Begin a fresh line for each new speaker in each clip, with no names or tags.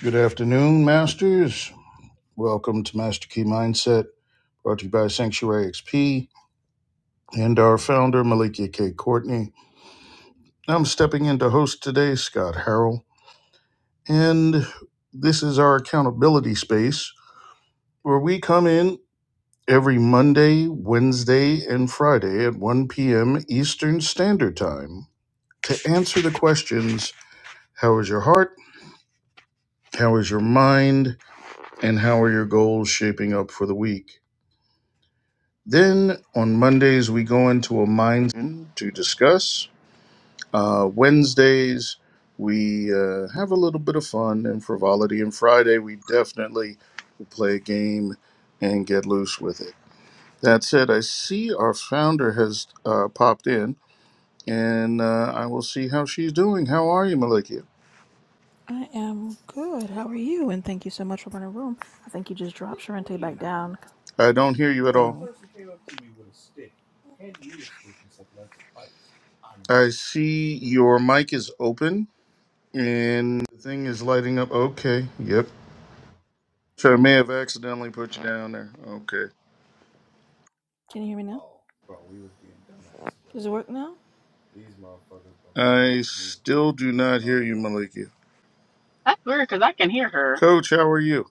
Good afternoon, Masters. Welcome to Master Key Mindset, brought to you by Sanctuary XP and our founder, Malikia K. Courtney. I'm stepping in to host today, Scott Harrell. And this is our accountability space where we come in every Monday, Wednesday, and Friday at 1 p.m. Eastern Standard Time to answer the questions How is your heart? How is your mind? And how are your goals shaping up for the week? Then on Mondays, we go into a mind to discuss. Uh, Wednesdays, we uh, have a little bit of fun and frivolity. And Friday, we definitely play a game and get loose with it. That said, I see our founder has uh, popped in, and uh, I will see how she's doing. How are you, Malikia?
I am good. How are you? And thank you so much for running room. I think you just dropped Sharente back down.
I don't hear
If a
you at
random
all.
Oh, person came up to me with a stick,
I see your mic is open, and the thing is lighting up. Okay, yep, Sure, I may have accidentally put you down there. Okay.
can you hear me now? oh, bro, we was being dumbasses Does it over work now?
I still do not hear you, Maliki.
That's weird because I can hear her.
Coach, how are you?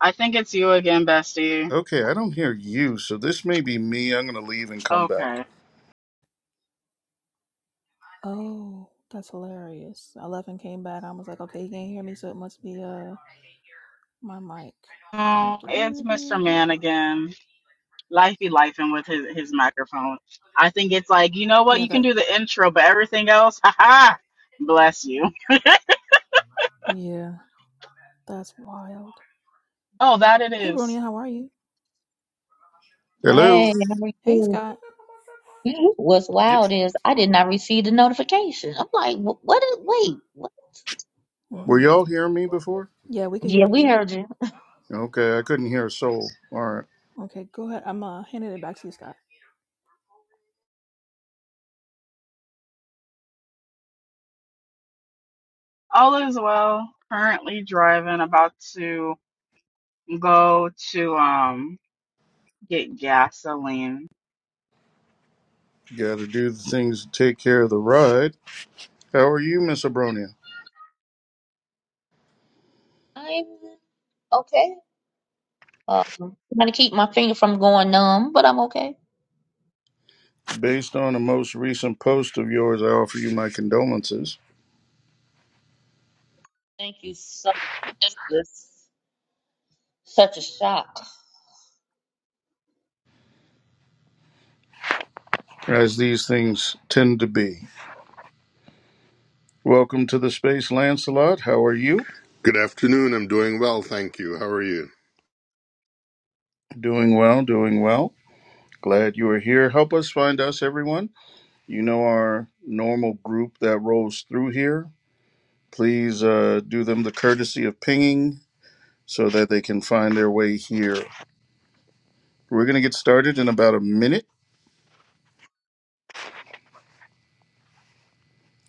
I think it's you again, Bestie.
Okay, I don't hear you, so this may be me. I'm going to leave and come back.
Okay.
Oh, that's hilarious. I left and came back. I was like, okay, you can't hear me, so it must be uh my mic. Do,
Oh,
do,
it's
do, do,
Mr.
do.
Man again. Life be lifing with his, his microphone. I think it's like, you know what?
Yeah,
You can
that.
do the intro, but everything else, haha, bless you.
Yeah, that's wild.
Oh, that it
Hey,
is.
Bronia, how are you?
Hello?
Hey, how are
Hey,
you?
Scott.
What's
Yep.
wild is I did not receive the notification. I'm like, "Wh- what is, wait, what?
Were
Mhm.
y'all hearing me before?
Yeah, we could hear
Yeah, we
you.
heard you.
Okay, I couldn't hear a soul. All right.
Okay, go ahead. I'm uh handing it back to you, Scott.
All is well. Currently driving, about to go to um get gasoline.
Got to do the things to take care of the ride. How are you, Miss Abronia?
I'm okay. Um, i to keep my finger from going numb, but I'm okay.
Based on a most recent post of yours, I offer you my condolences,
Thank you so much. This such a shock.
as these things tend to be. Welcome to the space, Lancelot. How are you?
Good afternoon. I'm doing well, thank you. How are you?
Doing well, doing well. Glad you are here. Help us find us, everyone. You know our normal group that rolls through here. Please uh, do them the courtesy of pinging so that they can find their way here. We're going to get started in about a minute.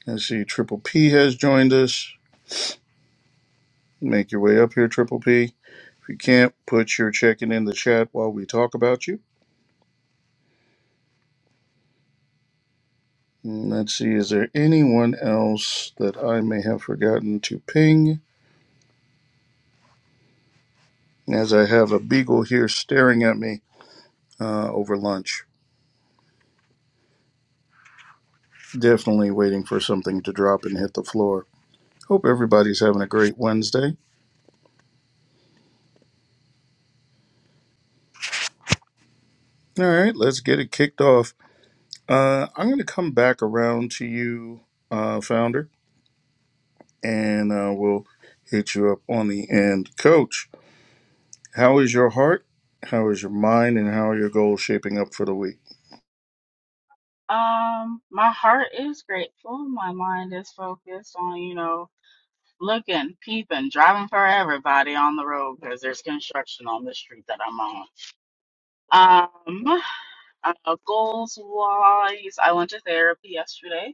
I see Triple P has joined us. Make your way up here, Triple P. If you can't, put your check-in in the chat while we talk about you. And Let's see, is there anyone else that I may have forgotten to ping? As I have a beagle here staring at me, uh, over lunch. Definitely waiting for something to drop and hit the floor. Hope everybody's having a great Wednesday. All right, let's get it kicked off. Uh, I'm going to come back around to you, uh, founder, and uh, we'll hit you up on the end. Coach, how is your heart? How is your mind? And how are your goals shaping up for the week?
Um, my heart is grateful. My mind is focused on, you know, looking, peeping, driving for everybody on the road because there's construction on the street that I'm on. Um, uh, goals wise, I went to therapy yesterday.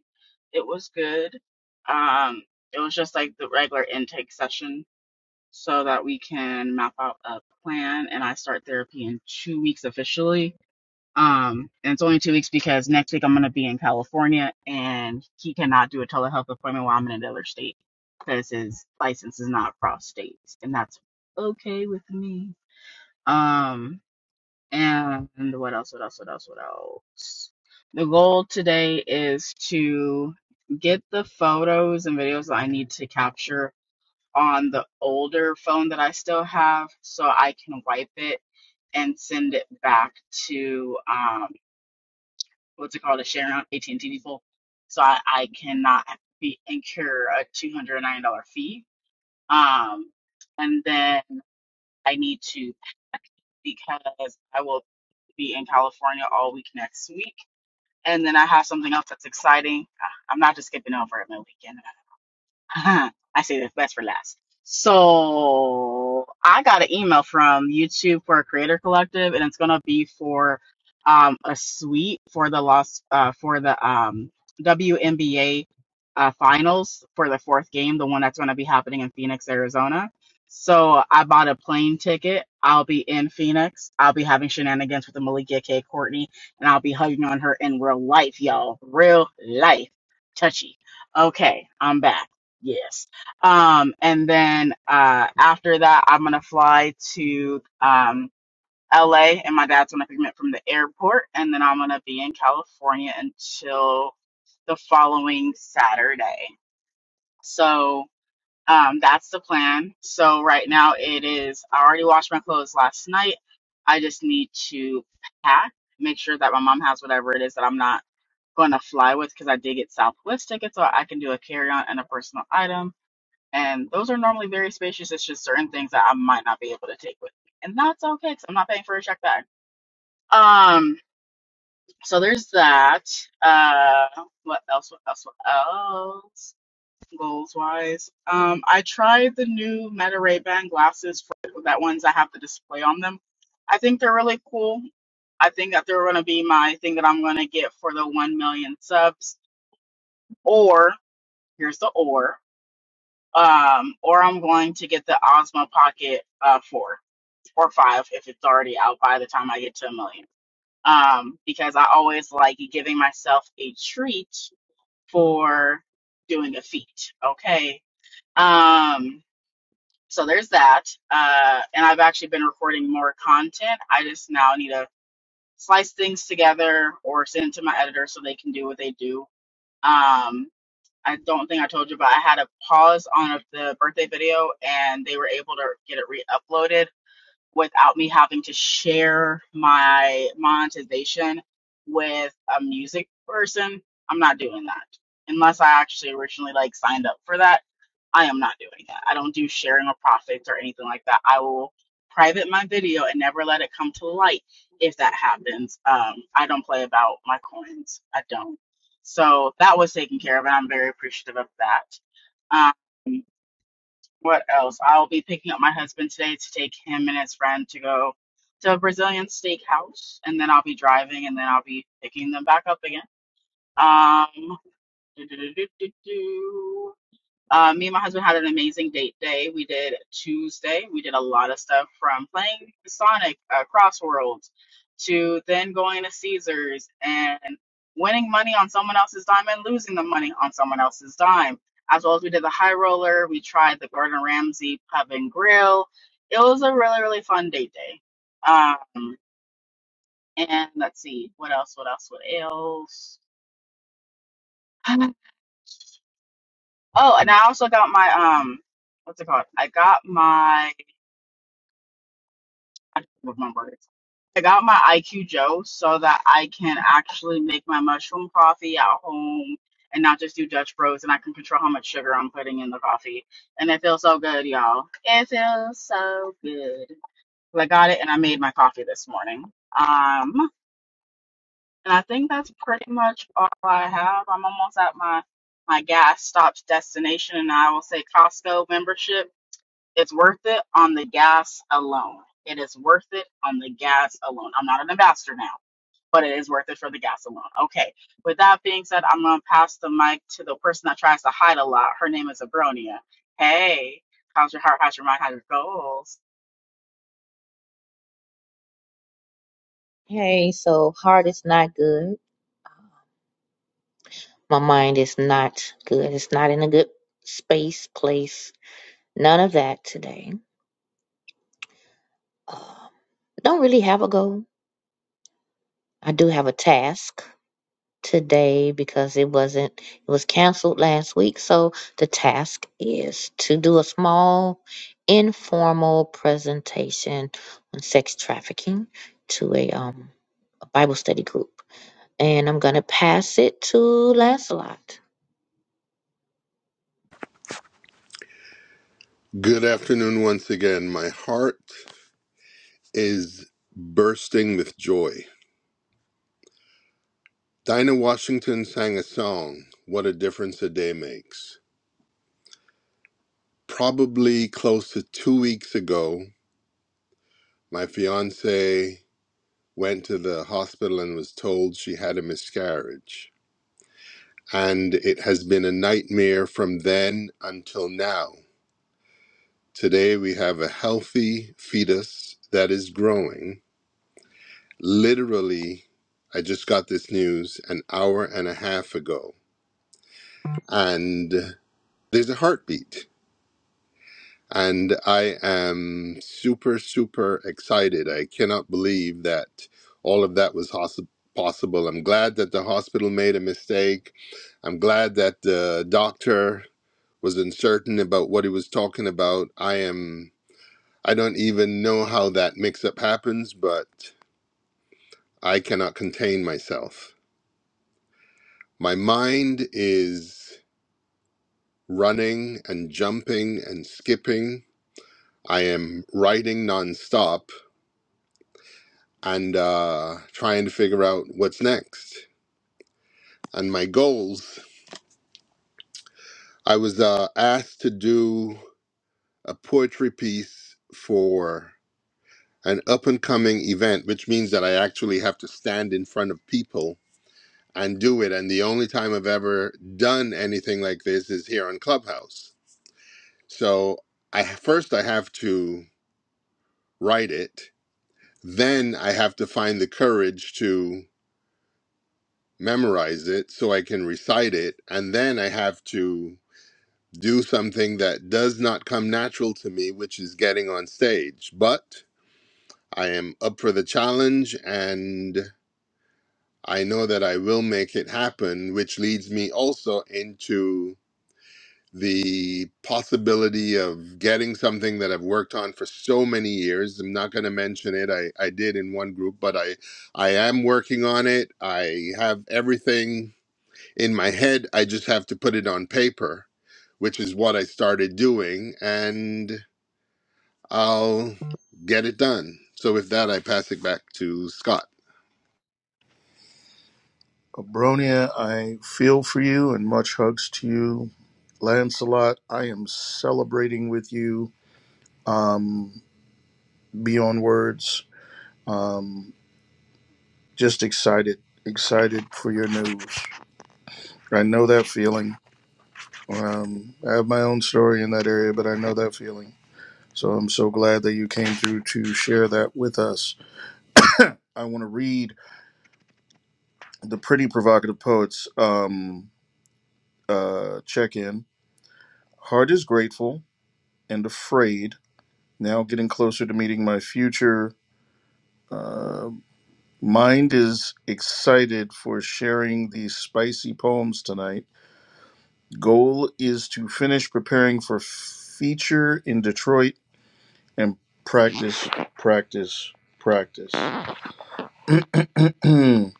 It was good. Um, it was just like the regular intake session so that we can map out a plan, and I start therapy in two weeks officially um, and it's only two weeks because next week I'm going to be in California and he cannot do a telehealth appointment while I'm in another state because his license is not across states. And that's okay with me. Um, and what else, what else, what else, what else? The goal today is to get the photos and videos that I need to capture on the older phone that I still have so I can wipe it and send it back to, um what's it called a share on AT&T default. So I, I cannot be incur a $209 fee. Um, and then I need to pack because I will be in California all week next week. And then I have something else that's exciting. Ah, I'm not just skipping over at my weekend. Uh-huh. I say the best for last. So I got an email from YouTube for a creator collective, and it's gonna be for um a suite for the lost uh for the um WNBA uh finals for the fourth game, the one that's gonna be happening in Phoenix, Arizona. So I bought a plane ticket. I'll be in Phoenix. I'll be having shenanigans with the Malika K. Courtney, and I'll be hugging on her in real life, y'all. Real life. Touchy. Okay, I'm back. Yes. Um, and then uh, after that, I'm gonna fly to um, LA, and my dad's gonna pick me up from the airport, and then I'm gonna be in California until the following Saturday. So um, that's the plan. So right now it is. I already washed my clothes last night. I just need to pack, make sure that my mom has whatever it is that I'm not going to fly with because I did get Southwest tickets, so I can do a carry on and a personal item and those are normally very spacious. It's just certain things that I might not be able to take with me. And that's okay because I'm not paying for a check bag. Um, so there's that. Uh, what else? What else? What else? Goals wise, um, I tried the new Meta Ray Ban glasses for that ones that have the display on them. I think they're really cool. I think that they're going to be my thing that I'm going to get for the 1 million subs. Or, here's the or, um, or I'm going to get the Osmo Pocket uh, 4 or five if it's already out by the time I get to a million. Um, because I always like giving myself a treat for doing a feat. Okay. Um, so there's that. Uh, and I've actually been recording more content. I just now need to slice things together or send it to my editor so they can do what they do. Um, I don't think I told you, but I had a pause on the birthday video and they were able to get it re uploaded without me having to share my monetization with a music person, I'm not doing that. Unless I actually originally like signed up for that, I am not doing that. I don't do sharing of profits or anything like that. I will private my video and never let it come to light if that happens. Um, I don't play about my coins. I don't. So that was taken care of, and I'm very appreciative of that. What else? I'll be picking up my husband today to take him and his friend to go to a Brazilian steakhouse, and then I'll be driving, and then I'll be picking them back up again. Um, do, do, do, do, do, do. Uh, me and my husband had an amazing date day. We did Tuesday. We did a lot of stuff from playing Sonic uh, Crossworlds to then going to Caesars and winning money on someone else's dime and losing the money on someone else's dime. As well as we did the high roller. We tried the Gordon Ramsay Pub and Grill. It was a really really fun date day. Um, and let's see what else. What else? What else? Oh, and I also got my um, what's it called? I got my I can't remember it. I got my IQ Joe so that I can actually make my mushroom coffee at home and not just do Dutch Bros and I can control how much sugar I'm putting in the coffee. And it feels so good, y'all. It feels so good. Well, I got it and I made my coffee this morning. Um, and I think that's pretty much all I have. I'm almost at my my gas stop's destination and I will say Costco membership it's worth it on the gas alone. It is worth it on the gas alone. I'm not an ambassador now, but it is worth it for the gas alone. Okay. With that being said, I'm gonna pass the mic to the person that tries to hide a lot. Her name is Abronia. Hey, how's your heart? How's your mind? How's your goals?
Hey, so heart is not good. My mind is not good. It's not in a good space, place. None of that today. Um, don't really have a goal. I do have a task. today because it wasn't it was canceled last week so the task is to do a small informal presentation on sex trafficking to a um a bible study group and i'm going to pass it to lancelot
Good afternoon once again. My heart is bursting with joy. Dinah Washington sang a song, What a Difference a Day Makes. Probably close to two weeks ago, my fiance went to the hospital and was told she had a miscarriage. And it has been a nightmare from then until now. Today, we have a healthy fetus that is growing Literally, I just got this news an hour and a half ago, and there's a heartbeat. And I am super, super excited. I cannot believe that all of that was hos- possible. I'm glad that the hospital made a mistake. I'm glad that the doctor was uncertain about what he was talking about. I am, I don't even know how that mix up happens, but I cannot contain myself. My mind is running and jumping and skipping. I am writing nonstop and uh, trying to figure out what's next. And my goals I was uh, asked to do a poetry piece for an up and coming event, which means that I actually have to stand in front of people and do it. And the only time I've ever done anything like this is here on Clubhouse. So I first I have to write it. Then I have to find the courage to memorize it so I can recite it. And then I have to do something that does not come natural to me, which is getting on stage. But I am up for the challenge and I know that I will make it happen, which leads me also into the possibility of getting something that I've worked on for so many years. I'm not going to mention it. I, I did in one group, but I I am working on it. I have everything in my head. I just have to put it on paper, which is what I started doing, and I'll get it done. So with that, I pass it back to Scott.
Abronia, I feel for you and much hugs to you. Lancelot, I am celebrating with you um, beyond words Um, just excited, excited for your news. I know that feeling. Um, I have my own story in that area, but I know that feeling. So I'm so glad that you came through to share that with us. I want to read the Pretty Provocative Poets um, uh, check in. Heart is grateful and afraid, now getting closer to meeting my future. Uh, mind is excited for sharing these spicy poems tonight Goal is to finish preparing for feature in Detroit and practice, practice, practice.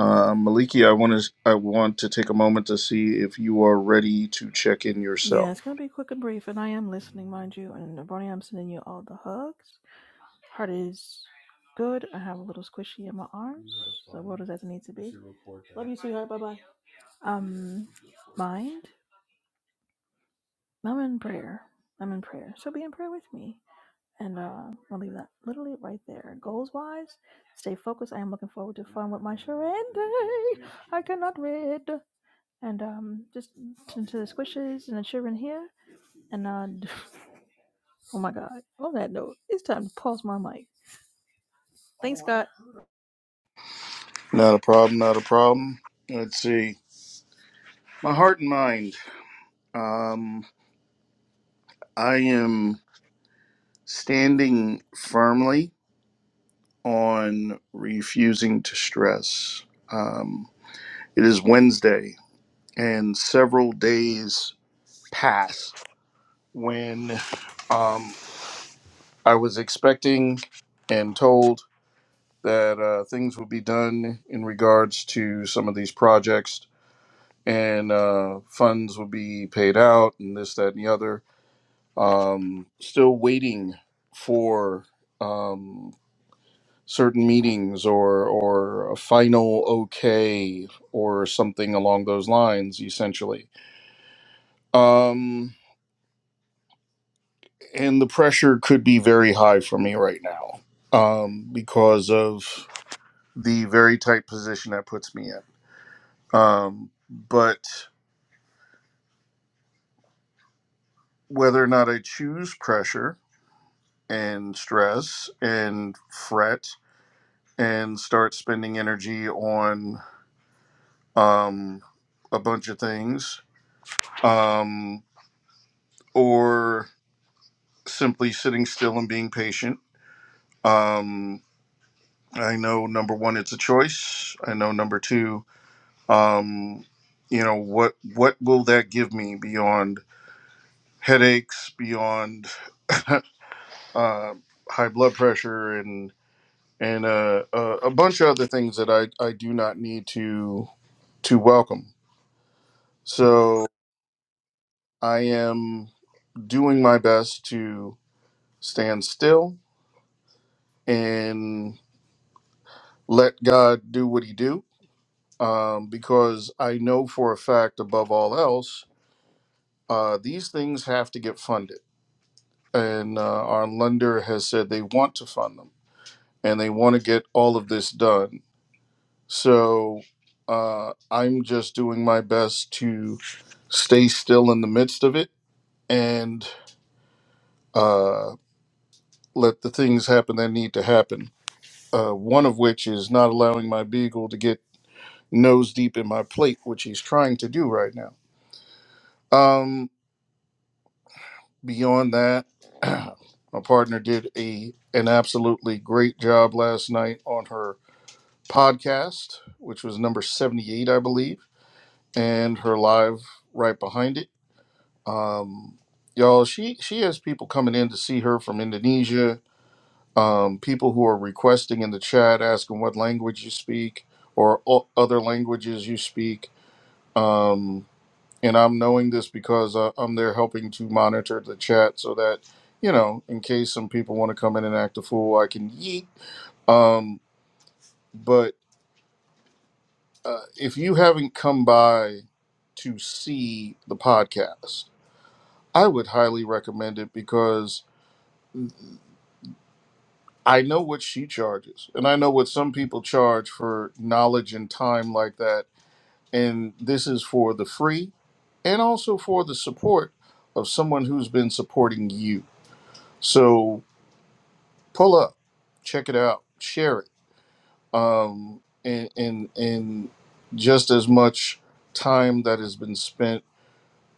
Uh, Maliki, I want to I want to take a moment to see if you are ready to check in
Yeah,
yourself.
it's gonna be quick and brief, and I am listening, mind you. And Ronnie, I'm sending you all the hugs. Heart is good. I have a little squishy in my arms. The world is as it needs to be. Love you, sweetheart. Bye bye. Um, mind. I'm in prayer. I'm in prayer. So be in prayer with me. And uh, I'll leave that literally right there. Goals wise, stay focused. I am looking forward to fun with my Sharende. I cannot read. And um, just into the squishes and the children here. And uh, Oh my God. On that note, it's time to pause my mic. Thanks, Scott.
Not a problem. Not a problem. Let's see. My heart and mind. Um, I am standing firmly on refusing to stress. Um, it is Wednesday, and several days pass when um, I was expecting and told that uh, things would be done in regards to some of these projects and uh, funds would be paid out and this, that, and the other. Um, still waiting for um, certain meetings or, or a final okay or something along those lines, essentially. Um, and the pressure could be very high for me right now um, because of the very tight position that puts me in. Um, but whether or not I choose pressure and stress and fret and start spending energy on um, a bunch of things um, or simply sitting still and being patient. Um, I know number one, it's a choice. I know number two, um, you know what what will that give me beyond headaches beyond uh, high blood pressure and and uh, uh, a bunch of other things that I, I do not need to to welcome so i am doing my best to stand still and let god do what he do um, because i know for a fact above all else uh, these things have to get funded and uh, our lender has said they want to fund them and they want to get all of this done. So uh, I'm just doing my best to stay still in the midst of it and uh, let the things happen that need to happen. Uh, one of which is not allowing my beagle to get nose deep in my plate, which he's trying to do right now. Um, beyond that, my partner did a an absolutely great job last night on her podcast, which was number 78, I believe, and her live right behind it. Um, y'all, she, she has people coming in to see her from Indonesia, um, people who are requesting in the chat, asking what language you speak or o- other languages you speak. Um, and I'm knowing this because uh, I'm there helping to monitor the chat so that, you know, in case some people want to come in and act a fool, I can yeet. Um, but uh, if you haven't come by to see the podcast, I would highly recommend it because I know what she charges, and I know what some people charge for knowledge and time like that. And this is for the free and also for the support of someone who's been supporting you. So pull up, check it out, share it, um, and, and, and just as much time that has been spent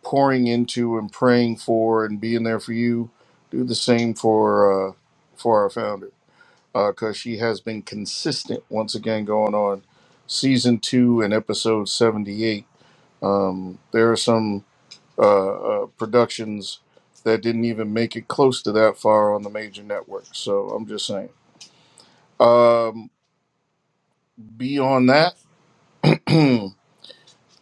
pouring into and praying for and being there for you. Do the same for uh, for our founder because she has been consistent once again going on season two and episode 78. Um, there are some uh, uh, productions that didn't even make it close to that far on the major network. So I'm just saying. Um, beyond that,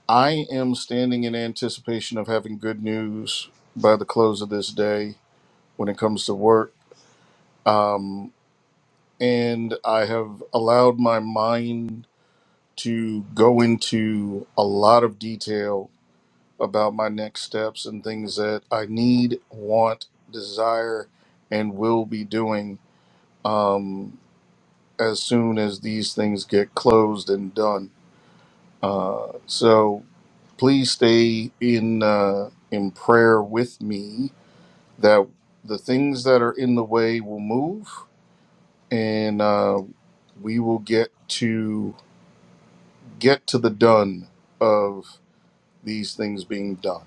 I am standing in anticipation of having good news by the close of this day when it comes to work. um, and I have allowed my mind to go into a lot of detail about my next steps and things that I need, want, desire, and will be doing um, as soon as these things get closed and done. Uh, so please stay in uh, in prayer with me that the things that are in the way will move and uh, we will get to get to the done of these things being done.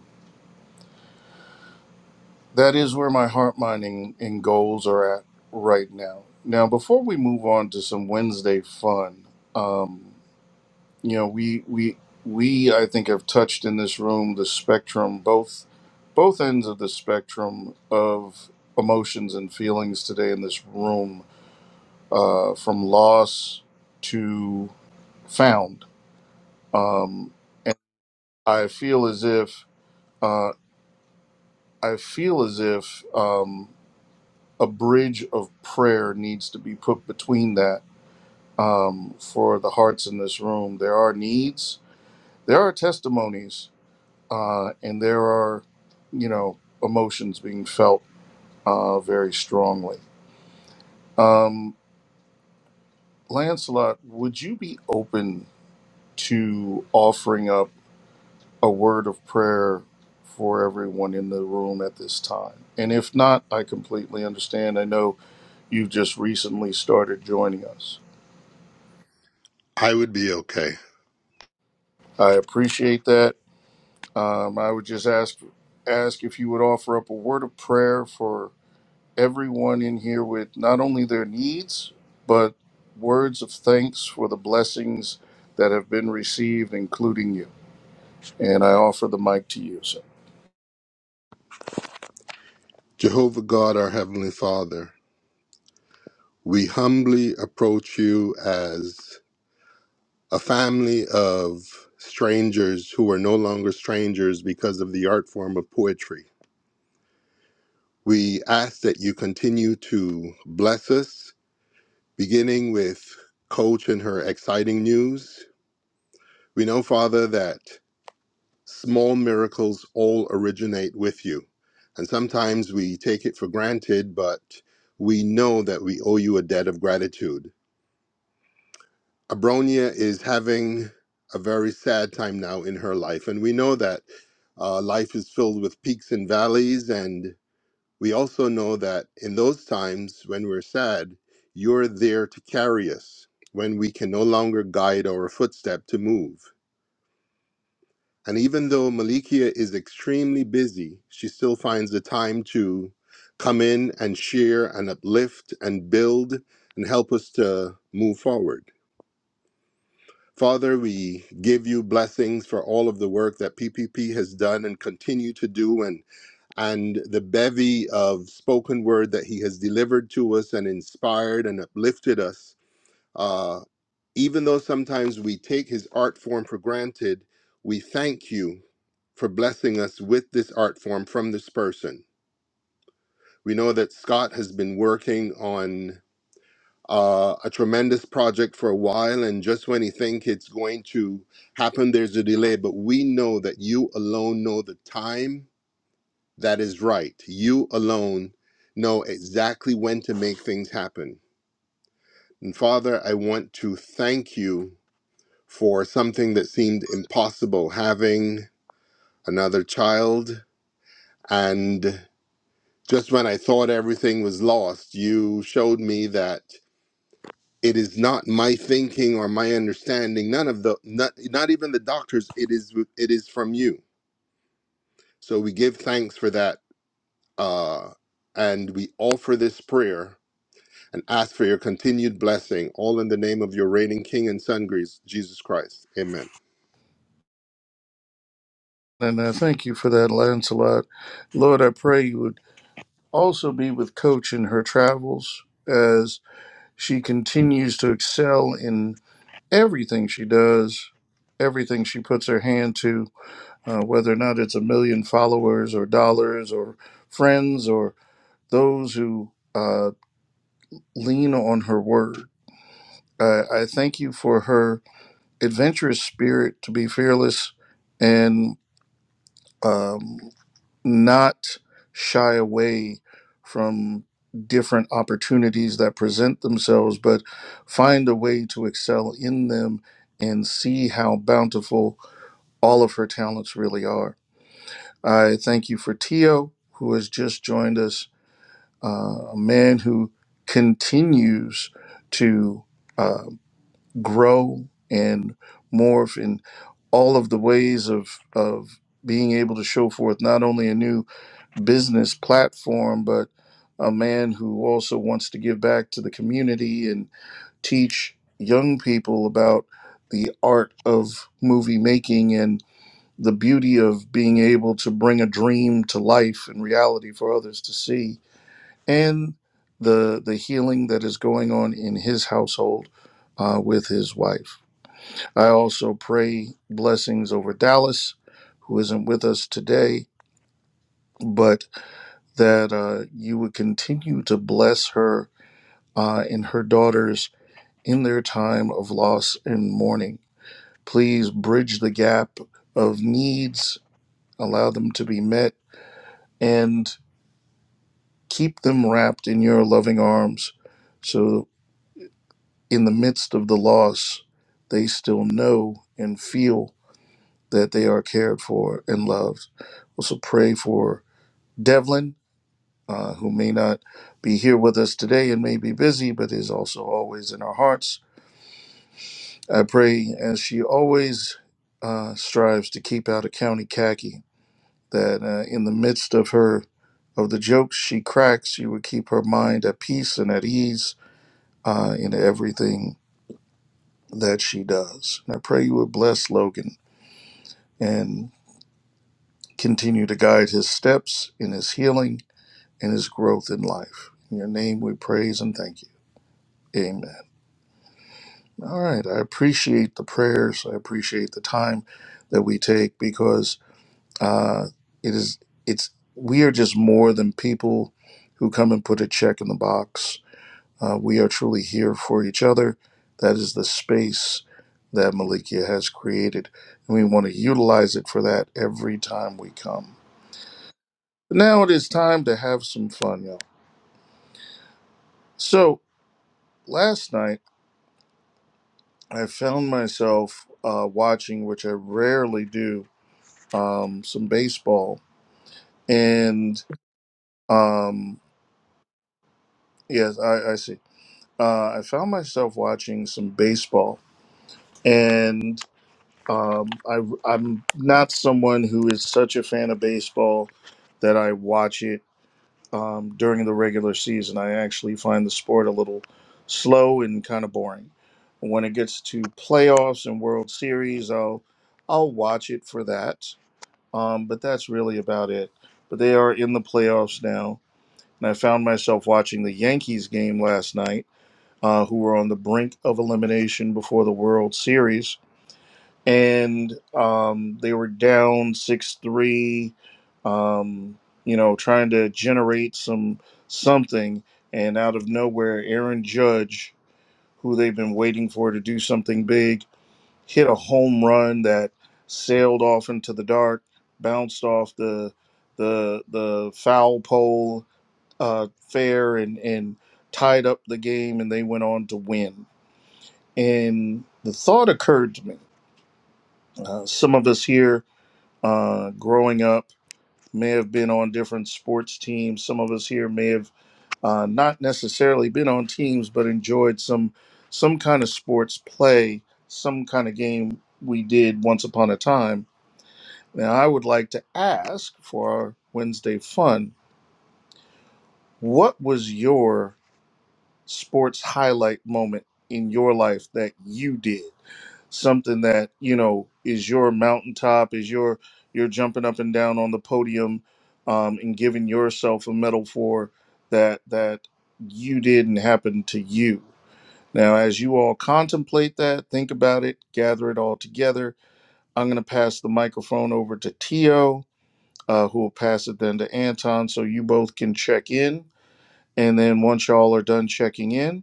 That is where my heart mining and and goals are at right now. Now, before we move on to some Wednesday fun, um, you know, we we we I think have touched in this room the spectrum, both both ends of the spectrum of emotions and feelings today in this room, uh, from loss to found um, and I feel as if uh, I feel as if um, a bridge of prayer needs to be put between that um, for the hearts in this room. There are needs, there are testimonies, uh, and there are you know emotions being felt uh, very strongly. Um, Lancelot, would you be open to offering up? a word of prayer for everyone in the room at this time? And if not, I completely understand. I know you've just recently started joining us.
I would be okay.
I appreciate that. Um, I would just ask ask if you would offer up a word of prayer for everyone in here with not only their needs but words of thanks for the blessings that have been received, including you. And I offer the mic to you, sir.
Jehovah God, our heavenly Father, we humbly approach you as a family of strangers who are no longer strangers because of the art form of poetry. We ask that you continue to bless us, beginning with Coach and her exciting news. We know, Father, that small miracles all originate with you. And sometimes we take it for granted, but we know that we owe you a debt of gratitude. Abronia is having a very sad time now in her life. And we know that uh, life is filled with peaks and valleys. And we also know that in those times when we're sad, you're there to carry us when we can no longer guide our footstep to move. And even though Malikia is extremely busy, she still finds the time to come in and share and uplift and build and help us to move forward. Father, we give you blessings for all of the work that PPP has done and continue to do and and the bevy of spoken word that he has delivered to us and inspired and uplifted us. Uh, even though sometimes we take his art form for granted, we thank you for blessing us with this art form from this person. We know that Scott has been working on uh, a tremendous project for a while, and just when you think it's going to happen, there's a delay. But we know that you alone know the time that is right. You alone know exactly when to make things happen. And Father, I want to thank you for something that seemed impossible having another child. And just when I thought everything was lost, you showed me that. it is not my thinking or my understanding none of the not, not even the doctors it is it is from you so we give thanks for that uh and we offer this prayer and ask for your continued blessing all in the name of your reigning king and son jesus christ amen
And I thank you for that, Lancelot. Lord, I pray you would also be with Coach in her travels as she continues to excel in everything she does, everything she puts her hand to, uh, whether or not it's a million followers or dollars or friends or those who uh, lean on her word. I I thank you for her adventurous spirit to be fearless and. um, not shy away from different opportunities that present themselves, but find a way to excel in them and see how bountiful all of her talents really are. I thank you for Tio, who has just joined us, uh, a man who continues to uh, grow and morph in all of the ways of, of being able to show forth not only a new business platform, but a man who also wants to give back to the community and teach young people about the art of movie making and the beauty of being able to bring a dream to life and reality for others to see, and the the healing that is going on in his household uh, with his wife. I also pray blessings over Dallas, who isn't with us today, but that uh, you would continue to bless her uh, and her daughters in their time of loss and mourning. Please bridge the gap of needs, allow them to be met, and keep them wrapped in your loving arms so in the midst of the loss, they still know and feel that they are cared for and loved. Also, pray for Devlin uh, who may not be here with us today and may be busy, but is also always in our hearts. I pray, as she always uh, strives to keep out of county khaki, that uh, in the midst of her of the jokes she cracks, you would keep her mind at peace and at ease uh, in everything that she does. And I pray you would bless Logan and continue to guide his steps in his healing and his growth in life. In your name we praise and thank you. Amen. All right. I appreciate the prayers. I appreciate the time that we take because uh, it is it's we are just more than people who come and put a check in the box. Uh, we are truly here for each other. That is the space that Malikia has created, and we want to utilize it for that every time we come. Now it is time to have some fun, y'all. So last night I found myself uh, watching, which I rarely do, um, some baseball, and um, yes, I, I see. Uh, I found myself watching some baseball, and um, I, I'm not someone who is such a fan of baseball that I watch it um, during the regular season. I actually find the sport a little slow and kind of boring. When it gets to playoffs and World Series, I'll I'll watch it for that. Um, but that's really about it. But they are in the playoffs now and I found myself watching the Yankees game last night, uh, who were on the brink of elimination before the World Series, and um, they were down six three. Um, you know, trying to generate some something, and out of nowhere, Aaron Judge, who they've been waiting for to do something big, hit a home run that sailed off into the dark, bounced off the the the foul pole uh, fair and, and tied up the game, and they went on to win. And the thought occurred to me uh, some of us here uh, growing up may have been on different sports teams. Some of us here may have uh, not necessarily been on teams, but enjoyed some some kind of sports play, some kind of game we did once upon a time. Now, I would like to ask for our Wednesday fun what was your sports highlight moment in your life that you did something that you know is your mountaintop is your you're jumping up and down on the podium um, and giving yourself a medal for that that you didn't happen to you now as you all contemplate that think about it gather it all together i'm going to pass the microphone over to tio uh, who will pass it then to anton so you both can check in and then once y'all are done checking in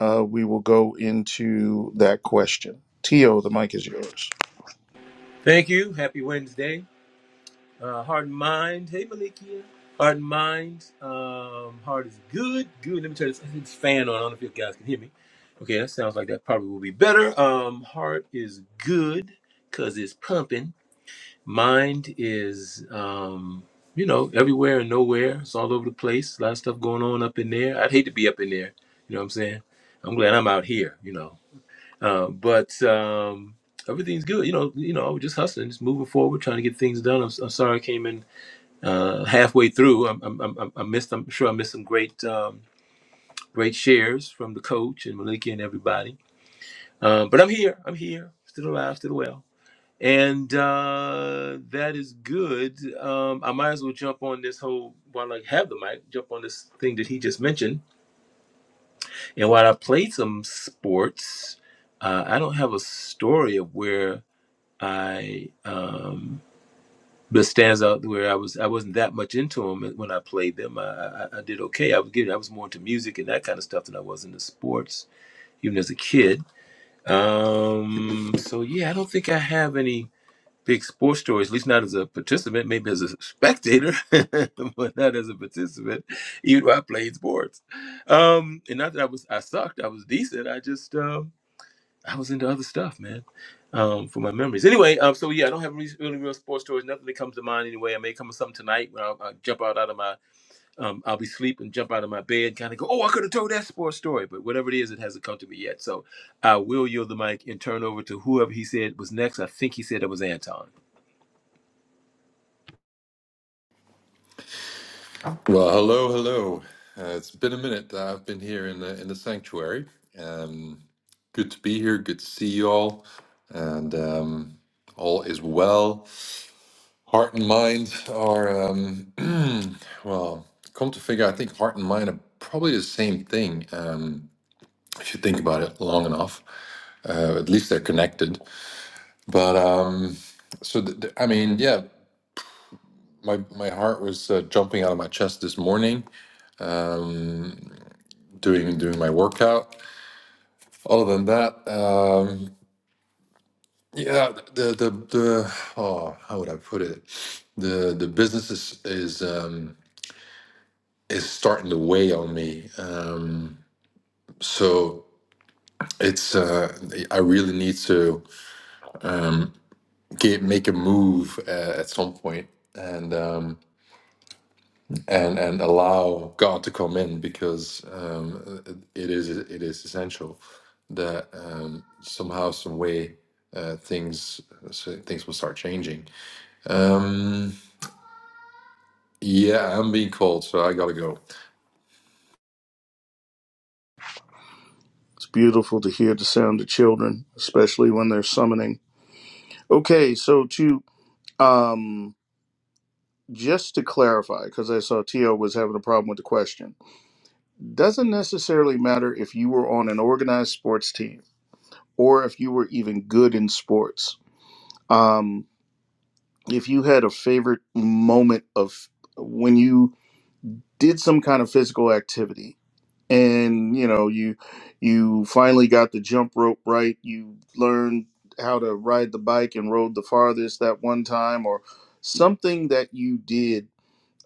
uh, we will go into that question. Tio, the mic is yours.
Thank you. Happy Wednesday. Uh, heart and mind. Hey, Malikia. Heart and mind. Um, heart is good. Good. Let me turn this, this fan on. I don't know if you guys can hear me. Okay, that sounds like that probably will be better. Um, heart is good because it's pumping. Mind is, um, you know, everywhere and nowhere. It's all over the place. A lot of stuff going on up in there. I'd hate to be up in there. You know what I'm saying? I'm glad I'm out here, you know. Uh, but um, everything's good. You know, you know, I was just hustling, just moving forward, trying to get things done. I'm, s- I'm sorry I came in uh, halfway through. I'm, I'm, I'm, I missed. I'm sure I missed some great, um, great shares from the coach and Malika and everybody. Um, but I'm here. I'm here. Still alive. Still well. And uh, that is good. Um, I might as well jump on this whole while I have the mic. Jump on this thing that he just mentioned. And while I played some sports, uh, I don't have a story of where I um, the stands out where I was I wasn't that much into them when I played them. I, I, I did okay. I was getting I was more into music and that kind of stuff than I was into sports, even as a kid. Um, so yeah, I don't think I have any big sports stories, at least not as a participant, maybe as a spectator, but not as a participant, even though I played sports. Um, and not that I was I sucked, I was decent. I just um I was into other stuff, man. Um, for my memories. Anyway, um, so yeah, I don't have re- really real sports stories. Nothing that comes to mind anyway. I may come with something tonight when I'll, I'll jump out out of my, um, I'll be asleep and jump out of my bed, kind of go, oh, I could have told that sports story, but whatever it is, it hasn't come to me yet. So I will yield the mic and turn over to whoever he said was next. I think he said it was Anton.
Well, hello, hello. Uh, it's been a minute. that I've been here in the in the sanctuary. Um, good to be here. Good to see you all, and um, all is well. Heart and mind are um, well. Come to figure, I think heart and mind are probably the same thing. Um, if you think about it long enough, uh, at least they're connected. But um, so, th th- I mean, yeah, my my heart was uh, jumping out of my chest this morning, doing doing my workout Other than that, um, yeah, the the the oh, how would I put it? The the business is is um, is starting to weigh on me. Um, so it's uh, I really need to um, get make a move uh, at some point and um, and and allow God to come in because um, it is it is essential that um, somehow some way uh, things so things will start changing Um, yeah, I'm being called, so I gotta go.
It's beautiful to hear the sound of children, especially when they're summoning. Okay, so to um, just to clarify, because I saw Tio was having a problem with the question, doesn't necessarily matter if you were on an organized sports team or if you were even good in sports. Um, if you had a favorite moment of when you did some kind of physical activity, and you know you you finally got the jump rope right you learned how to ride the bike and rode the farthest that one time or something that you did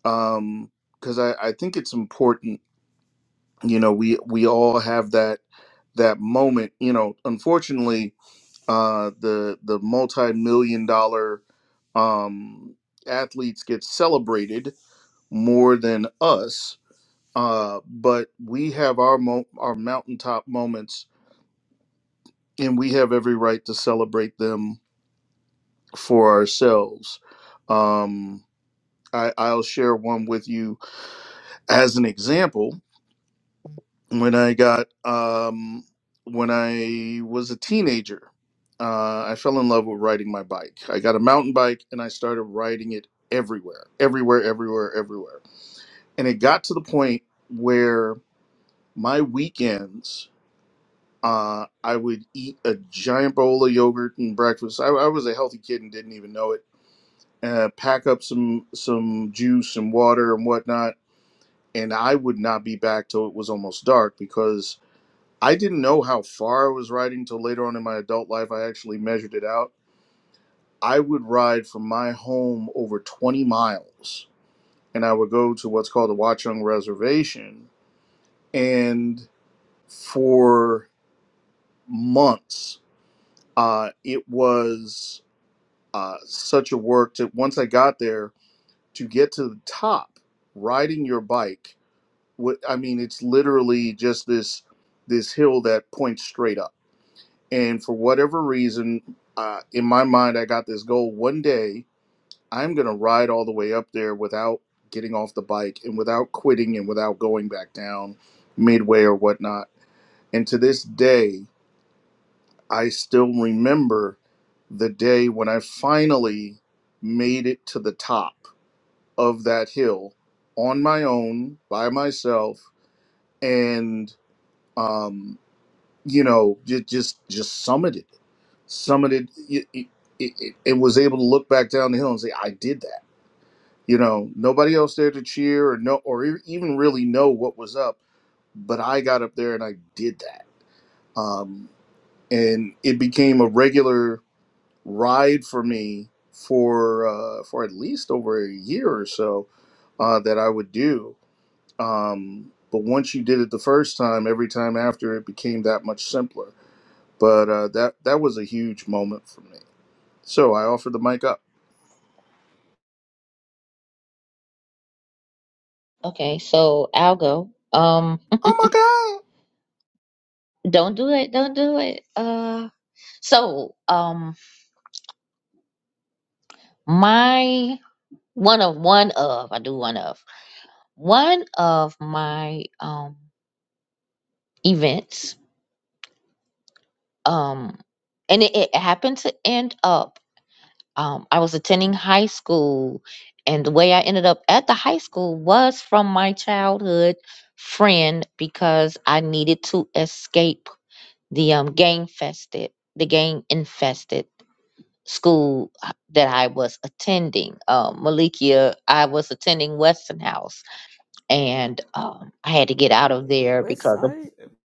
um because I, I think it's important you know we we all have that that moment you know unfortunately uh the the multi-million dollar um athletes get celebrated more than us uh, but we have our mo- our mountaintop moments, and we have every right to celebrate them for ourselves. Um, I, I'll share one with you as an example. When I got um, when I was a teenager, uh, I fell in love with riding my bike. I got a mountain bike, and I started riding it everywhere, everywhere, everywhere, everywhere. And it got to the point where my weekends Uh, I would eat a giant bowl of yogurt and breakfast. I, I was a healthy kid and didn't even know it. Uh, pack up some some juice and water and whatnot, and I would not be back till it was almost dark because I didn't know how far I was riding till later on in my adult life. I actually measured it out. I would ride from my home over 20 miles, and I would go to what's called the Watchung Reservation, and for months, uh, it was. uh, such a work to once I got there to get to the top, riding your bike. What I mean, it's literally just this this hill that points straight up. And for whatever reason, uh, in my mind, I got this goal. One day, I'm gonna ride all the way up there without getting off the bike and without quitting and without going back down midway or whatnot. And to this day, I still remember the day when I finally made it to the top of that hill on my own by myself and um you know just just just summited it summited it, it, it, it it was able to look back down the hill and say i did that you know nobody else there to cheer or no or e- even really know what was up but i got up there and i did that um and it became a regular ride for me for uh for at least over a year or so uh that i would do Um, but once you did it the first time, every time after it became that much simpler. But uh, that that was a huge moment for me. So I offered the mic up.
Okay, so I'll go. Um,
Oh my God!
don't do it. Don't do it. Uh, so um, my one of one of I do one of one of my um events um, and it, it happened to end up um I was attending high school, and the way I ended up at the high school was from my childhood friend because I needed to escape the um gang fested the gang infested school uh, that I was attending. Um, Malikia, I was attending Weston House, and um, I had to get out of there because of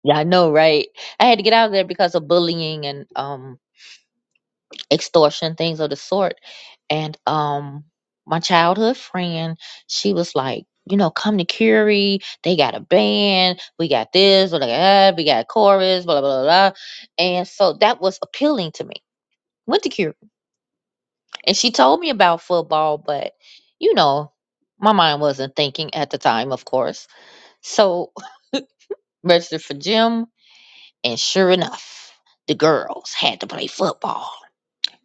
yeah, I know, right? I had to get out of there because of bullying and um, extortion, things of the sort. And um, my childhood friend, she was like. You know, come to Curie. They got a band. We got this. We got that. We got a chorus. Blah blah blah. blah. And so that was appealing to me. Went to Curie And she told me about football, but you know, my mind wasn't thinking at the time, of course. So registered for gym, and sure enough, the girls had to play football.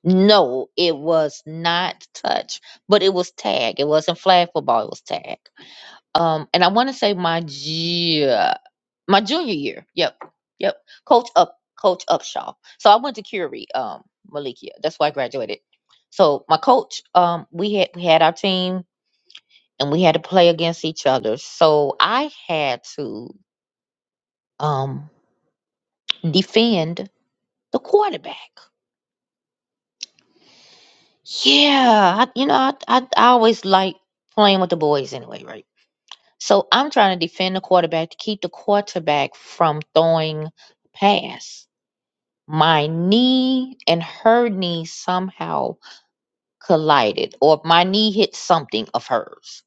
No, it was not touch, but it was tag. It wasn't flag football, it was tag. Um, and I want to say my ju- my junior year. Yep. Yep. Coach up coach Upshaw. So I went to Curie, um, Malikia. That's why I graduated. So my coach, um, we had we had our team and we had to play against each other. So I had to um defend the quarterback. Yeah, I, you know, I, I I always like playing with the boys anyway, right? So I'm trying to defend the quarterback to keep the quarterback from throwing pass. My knee and her knee somehow collided, or my knee hit something of hers.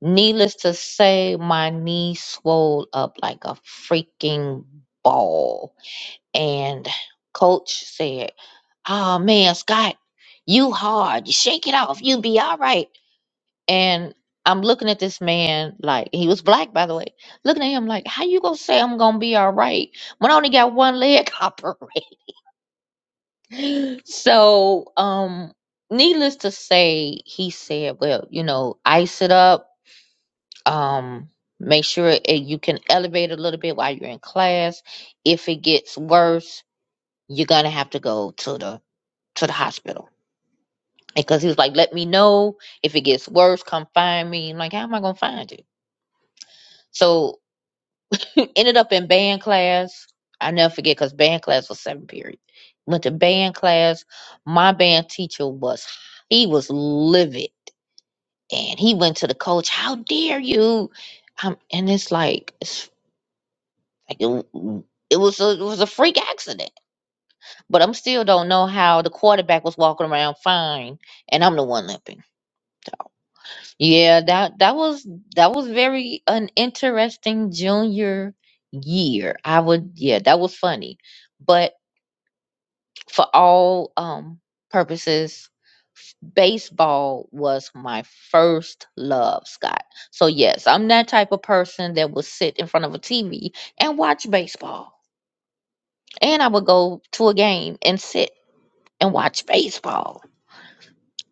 Needless to say, my knee swelled up like a freaking ball And coach said, Oh man, Scott, you hard. You shake it off. You'll be all right. And I'm looking at this man like he was black, by the way. Looking at him like, how you gonna say I'm gonna be all right when I only got one leg operated? so um needless to say, he said, Well, you know, ice it up, um, make sure it, you can elevate a little bit while you're in class. If it gets worse, you're gonna have to go to the to the hospital because he was like, "Let me know if it gets worse. Come find me." I'm like, "How am I gonna find you?" So ended up in band class. I never forget because band class was seven period. Went to band class. My band teacher was he was livid, and he went to the coach. How dare you? Um, and it's like it's like it, it was a, it was a freak accident, but I'm still don't know how the quarterback was walking around fine, and I'm the one limping. Yeah, that that was that was very an interesting junior year. I would yeah, that was funny. But for all um purposes, f- baseball was my first love, Scott. So yes, I'm that type of person that would sit in front of a TV and watch baseball. And I would go to a game and sit and watch baseball.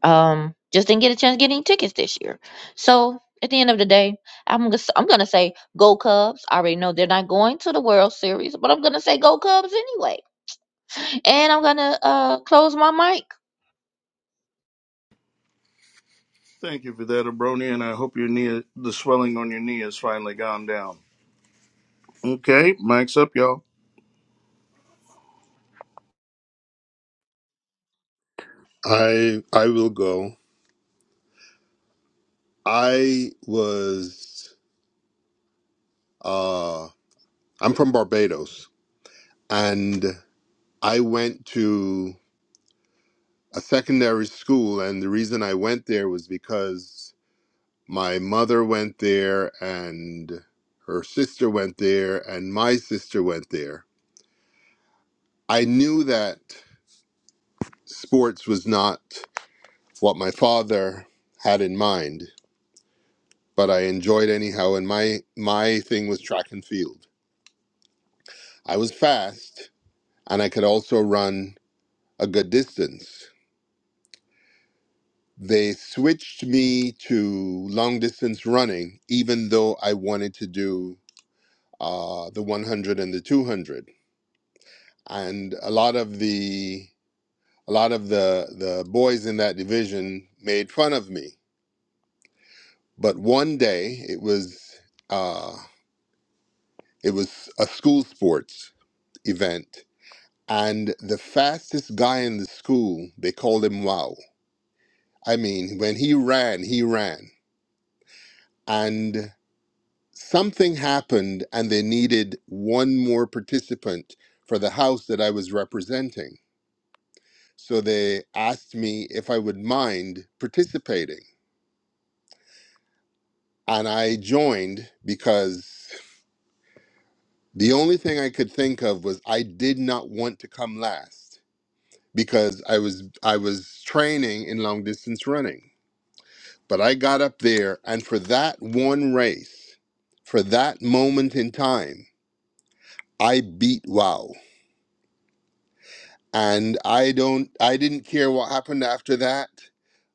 Um, just didn't get a chance to get any tickets this year. So at the end of the day, I'm gonna s- I'm gonna say go Cubs. I already know they're not going to the World Series, but I'm gonna say go Cubs anyway. And I'm gonna uh close my mic
Thank you for that, Abronia, and I hope your knee, the swelling on your knee, has finally gone down. Okay, mic's up, y'all.
i i will go i was uh i'm from barbados and i went to a secondary school and the reason i went there was because my mother went there and her sister went there and my sister went there. I knew that sports was not what my father had in mind, but I enjoyed anyhow and my my thing was track and field. I was fast and I could also run a good distance. They switched me to long distance running even though I wanted to do uh, the 100 and the 200 and a lot of the a lot of the the boys in that division made fun of me. But one day it was uh, it was a school sports event, and the fastest guy in the school they called him Wow. I mean, when he ran, he ran, and something happened, and they needed one more participant for the house that I was representing. So they asked me if I would mind participating. And I joined because the only thing I could think of was I did not want to come last because I was I was training in long distance running. But I got up there and for that one race, for that moment in time, I beat wow. And I don't I didn't care what happened after that,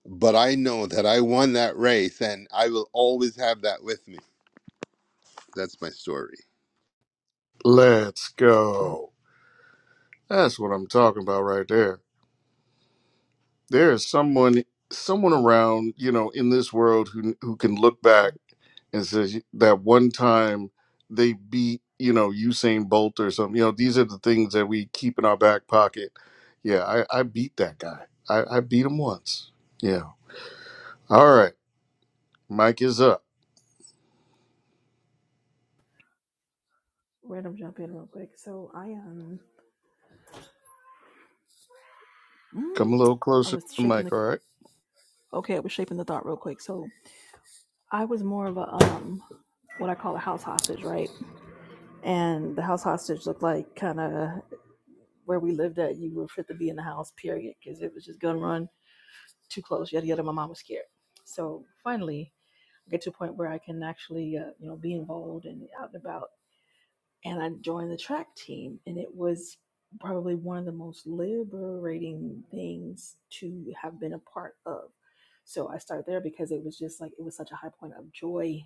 but I know that I won that race and I will always have that with me. That's my story.
Let's go. That's what I'm talking about right there. There is someone someone around, you know, in this world who who can look back and says y- that one time they beat you know Usain Bolt or something. You know, these are the things that we keep in our back pocket. Yeah, I, I beat that guy. I, I beat him once. Yeah. All right. Mike is up.
Random jump in real quick. So I um, mm,
Come a little
I
closer to
was
the
shaping
mic.
the
All right.
okay. I was shaping the thought real quick. So I was more of a um, what I call a house hostage, right? And the house hostage looked like kind of where we lived at. You were fit to be in the house, period, because it was just gun run too close. Yada yada. My mom was scared. So finally, I get to a point where I can actually uh, you know be involved and out and about. and I joined the track team, and it was probably one of the most liberating things to have been a part of. So I started there because it was just like it was such a high point of joy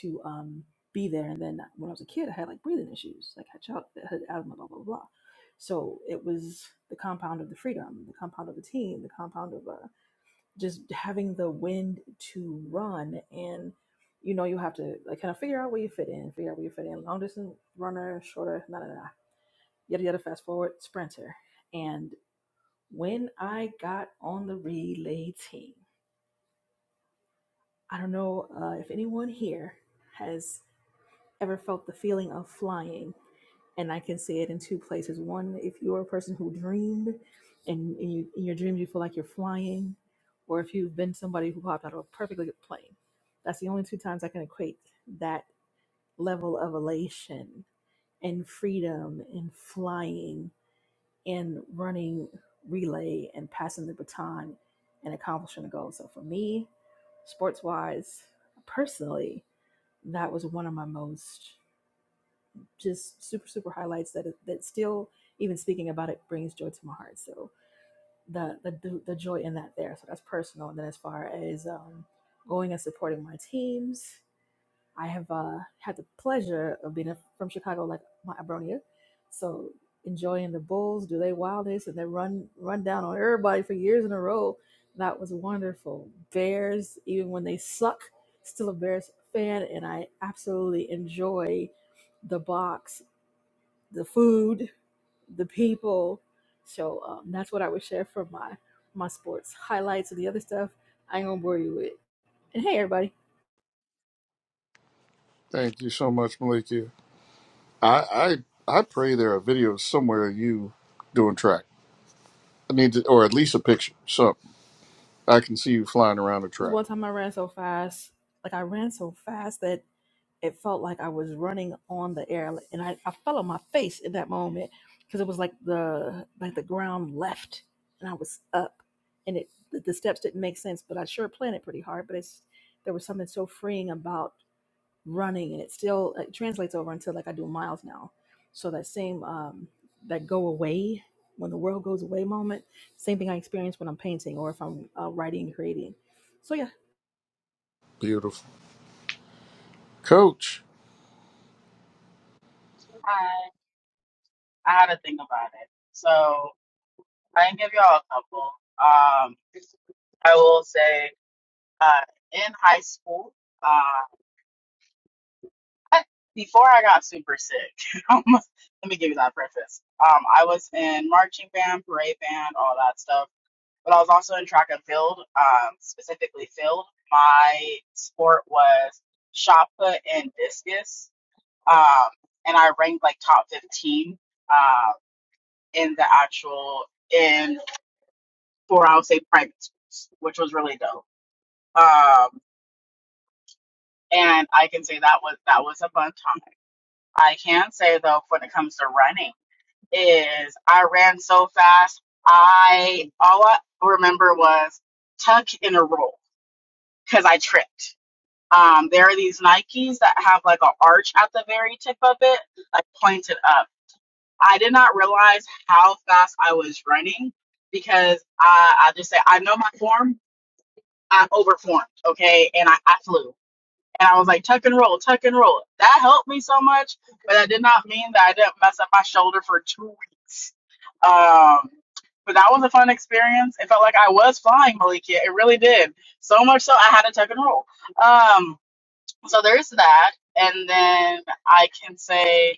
to um, be there. And then when I was a kid, I had like breathing issues, like had child had asthma, blah blah blah. So it was the compound of the freedom, the compound of the team, the compound of uh, just having the wind to run and you know you have to like kind of figure out where you fit in figure out where you fit in long distance runner shorter nah, nah, nah, yada yada fast forward sprinter and when i got on the relay team i don't know uh, if anyone here has. ever felt the feeling of flying and I can see it in two places. One, if you're a person who dreamed and in, you, in your dreams you feel like you're flying, or if you've been somebody who popped out of a perfectly good plane. That's the only two times I can equate that level of elation and freedom and flying and running relay and passing the baton and accomplishing a goal. So for me, sports wise, personally, that was one of my most just super super highlights that that still even speaking about it brings joy to my heart so the the, the the joy in that there so that's personal and then as far as um going and supporting my teams i have uh had the pleasure of being a, from chicago like my abronia so enjoying the bulls do they wildness and they run run down on everybody for years in a row that was wonderful bears even when they suck still a bears fan and i absolutely enjoy the box the food, the people. So um, that's what I would share for my my sports highlights and the other stuff. I ain't gonna bore you with. And hey, everybody,
Thank you so much, Malikia. I I, I pray there are videos somewhere of you doing track. I need to, or at least a picture. So I can see you flying around the
this
track.
one time I ran so fast, like I ran so fast that it felt like I was running on the air, like- and I, I fell on my face in that moment because it was like the like the ground left, and I was up, and it the, the steps didn't make sense, but I sure planned it pretty hard. But it's there was something so freeing about running and it still it translates over until like I do miles now. So that same um that go away when the world goes away moment, same thing I experience when I'm painting or if I'm uh, writing and creating. So yeah,
Beautiful, Coach.
Hi. I had to think about it. So I can give y'all a couple. Um, I will say, uh, in high school. uh, before I got super sick, let me give you that preface. Um, I was in marching band, parade band, all that stuff, but I was also in track and field, um, specifically field. My sport was shot put and discus, um, and I ranked like top 15 um, in the actual, in for I would say private schools, which was really dope. Um, and I can say that was that was a fun time. I can say though, when it comes to running. is I ran so fast. I all I remember was tuck and a roll because I tripped. Um, there are these Nikes that have like an arch at the very tip of it, like pointed up. I did not realize how fast I was running because I, I just say I know my form. I overformed, okay, and I, I flew. And I was like, tuck and roll, tuck and roll. That helped me so much, but that did not mean that I didn't mess up my shoulder for two weeks. Um, but that was a fun experience. It felt like I was flying, Malikia. It really did. So much so I had to tuck and roll. Um, so there's that. And then I can say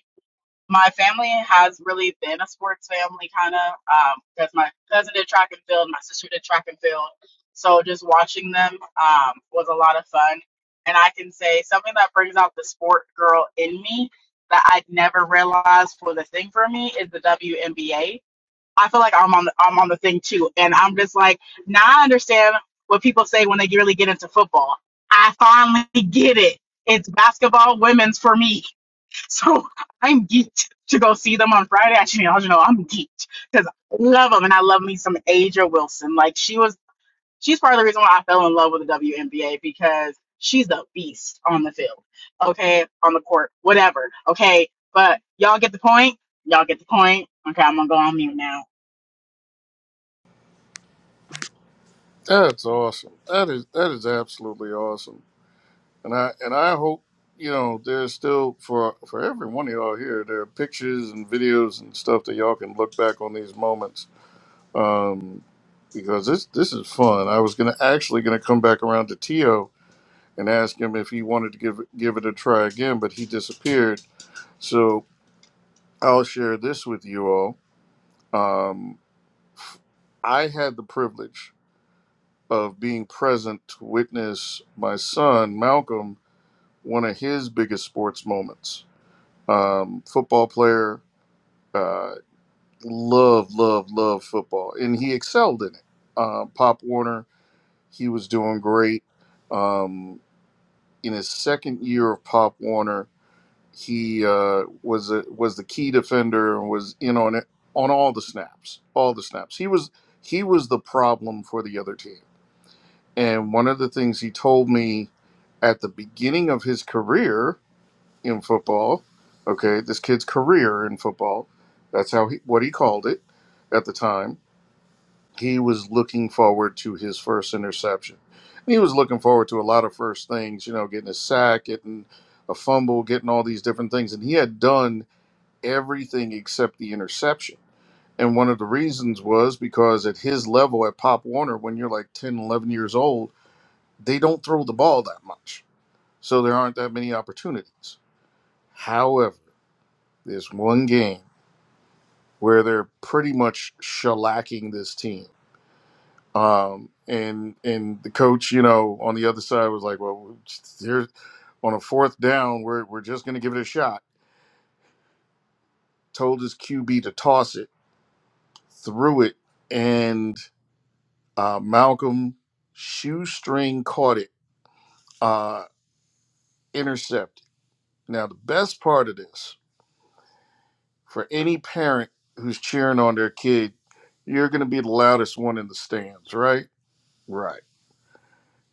my family has really been a sports family kind of um, because my cousin did track and field, my sister did track and field, so just watching them um, was a lot of fun. And I can say something that brings out the sport girl in me that I'd never realized was a thing for me is the WNBA. I feel like I'm on the, I'm on the thing too, and I'm just like now I understand what people say when they really get into football. I finally get it. It's basketball women's for me. So I'm geeked to go see them on Friday. Actually, y'all should know I'm geeked because I love them and I love me some Aja Wilson. Like she was, she's part of the reason why I fell in love with the WNBA because she's a beast on the field. Okay, on the court, whatever. Okay, but y'all get the point. Y'all get the point. Okay, I'm gonna go on mute now.
That's awesome. That is that is absolutely awesome and I and I hope you know there's still for for every one of y'all here. There are pictures and videos and stuff that y'all can look back on these moments um, because this this is fun. I was gonna actually gonna come back around to Tio and ask him if he wanted to give give it a try again, but he disappeared. So I'll share this with you all. Um, I had the privilege of being present to witness my son Malcolm one of his biggest sports moments um, football player. Uh, love, love, love football, and he excelled in it. Uh, Pop Warner, he was doing great. Um, in his second year of Pop Warner, he uh, was a, was the key defender and was in on it on all the snaps, all the snaps. He was he was the problem for the other team. And one of the things he told me at the beginning of his career in football. Okay, this kid's career in football. That's how he, what he called it at the time. He was looking forward to his first interception. And he was looking forward to a lot of first things, you know, getting a sack, getting a fumble, getting all these different things. And he had done everything except the interception. And one of the reasons was because at his level at Pop Warner, when you're like 10, 11 years old, they don't throw the ball that much. So there aren't that many opportunities. However. There's one game where they're pretty much shellacking this team. Um, and and the coach, you know, on the other side was like, well, here on a fourth down, we're we're just going to give it a shot. Told his QB to toss it, threw it, and uh, Malcolm shoestring caught it, uh, intercepted. Now the best part of this for any parent who's cheering on their kid, you're going to be the loudest one in the stands, right? Right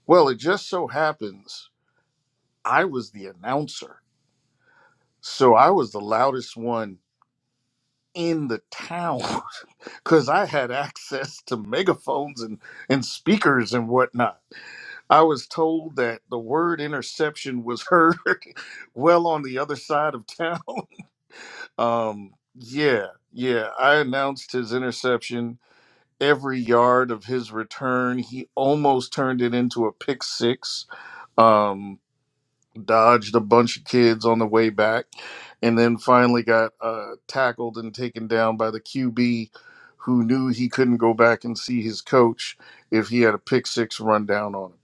Well, it just so happens I was the announcer. So I was the loudest one in the town because I had access to megaphones and, and speakers and whatnot. I was told that the word interception was heard well on the other side of town. Um, yeah, yeah. I announced his interception every yard of his return. He almost turned it into a pick six. Um, dodged a bunch of kids on the way back, and then finally got uh, tackled and taken down by the QB, who knew he couldn't go back and see his coach if he had a pick six run down on him.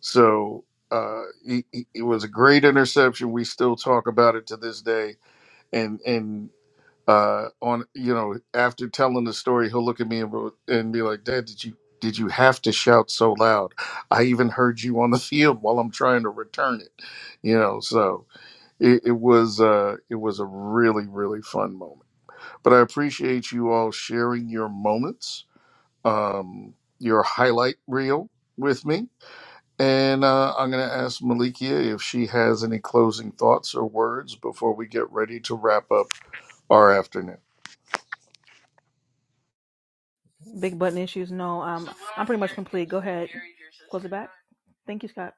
So uh, he, he- it was a great interception. We still talk about it to this day, and and uh, on you know after telling the story he'll look at me and, go- and be like dad did you did you have to shout so loud i even heard you on the field while i'm trying to return it you know so it, it was uh it was a really really fun moment but i appreciate you all sharing your moments um your highlight reel with me and uh, i'm going to ask malikia if she has any closing thoughts or words before we get ready to wrap up our afternoon
big button issues. No, um, I'm pretty much complete. Go ahead, close it back. Thank you, Scott.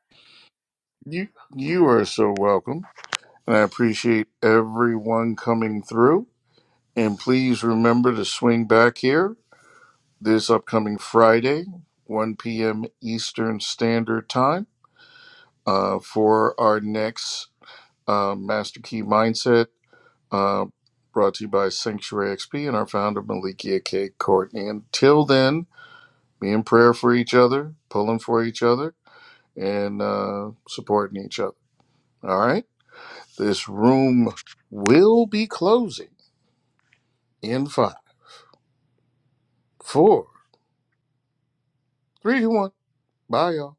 You you are so welcome. And I appreciate everyone coming through. And please remember to swing back here this upcoming Friday, 1 p.m. Eastern Standard Time, uh, for our next uh, Master Key Mindset, uh, brought to you by Sanctuary XP and our founder, Malikia K. Courtney. Until then, be in prayer for each other, pulling for each other, and uh, supporting each other. All right? This room will be closing in five, four, three, two, one. Bye, y'all.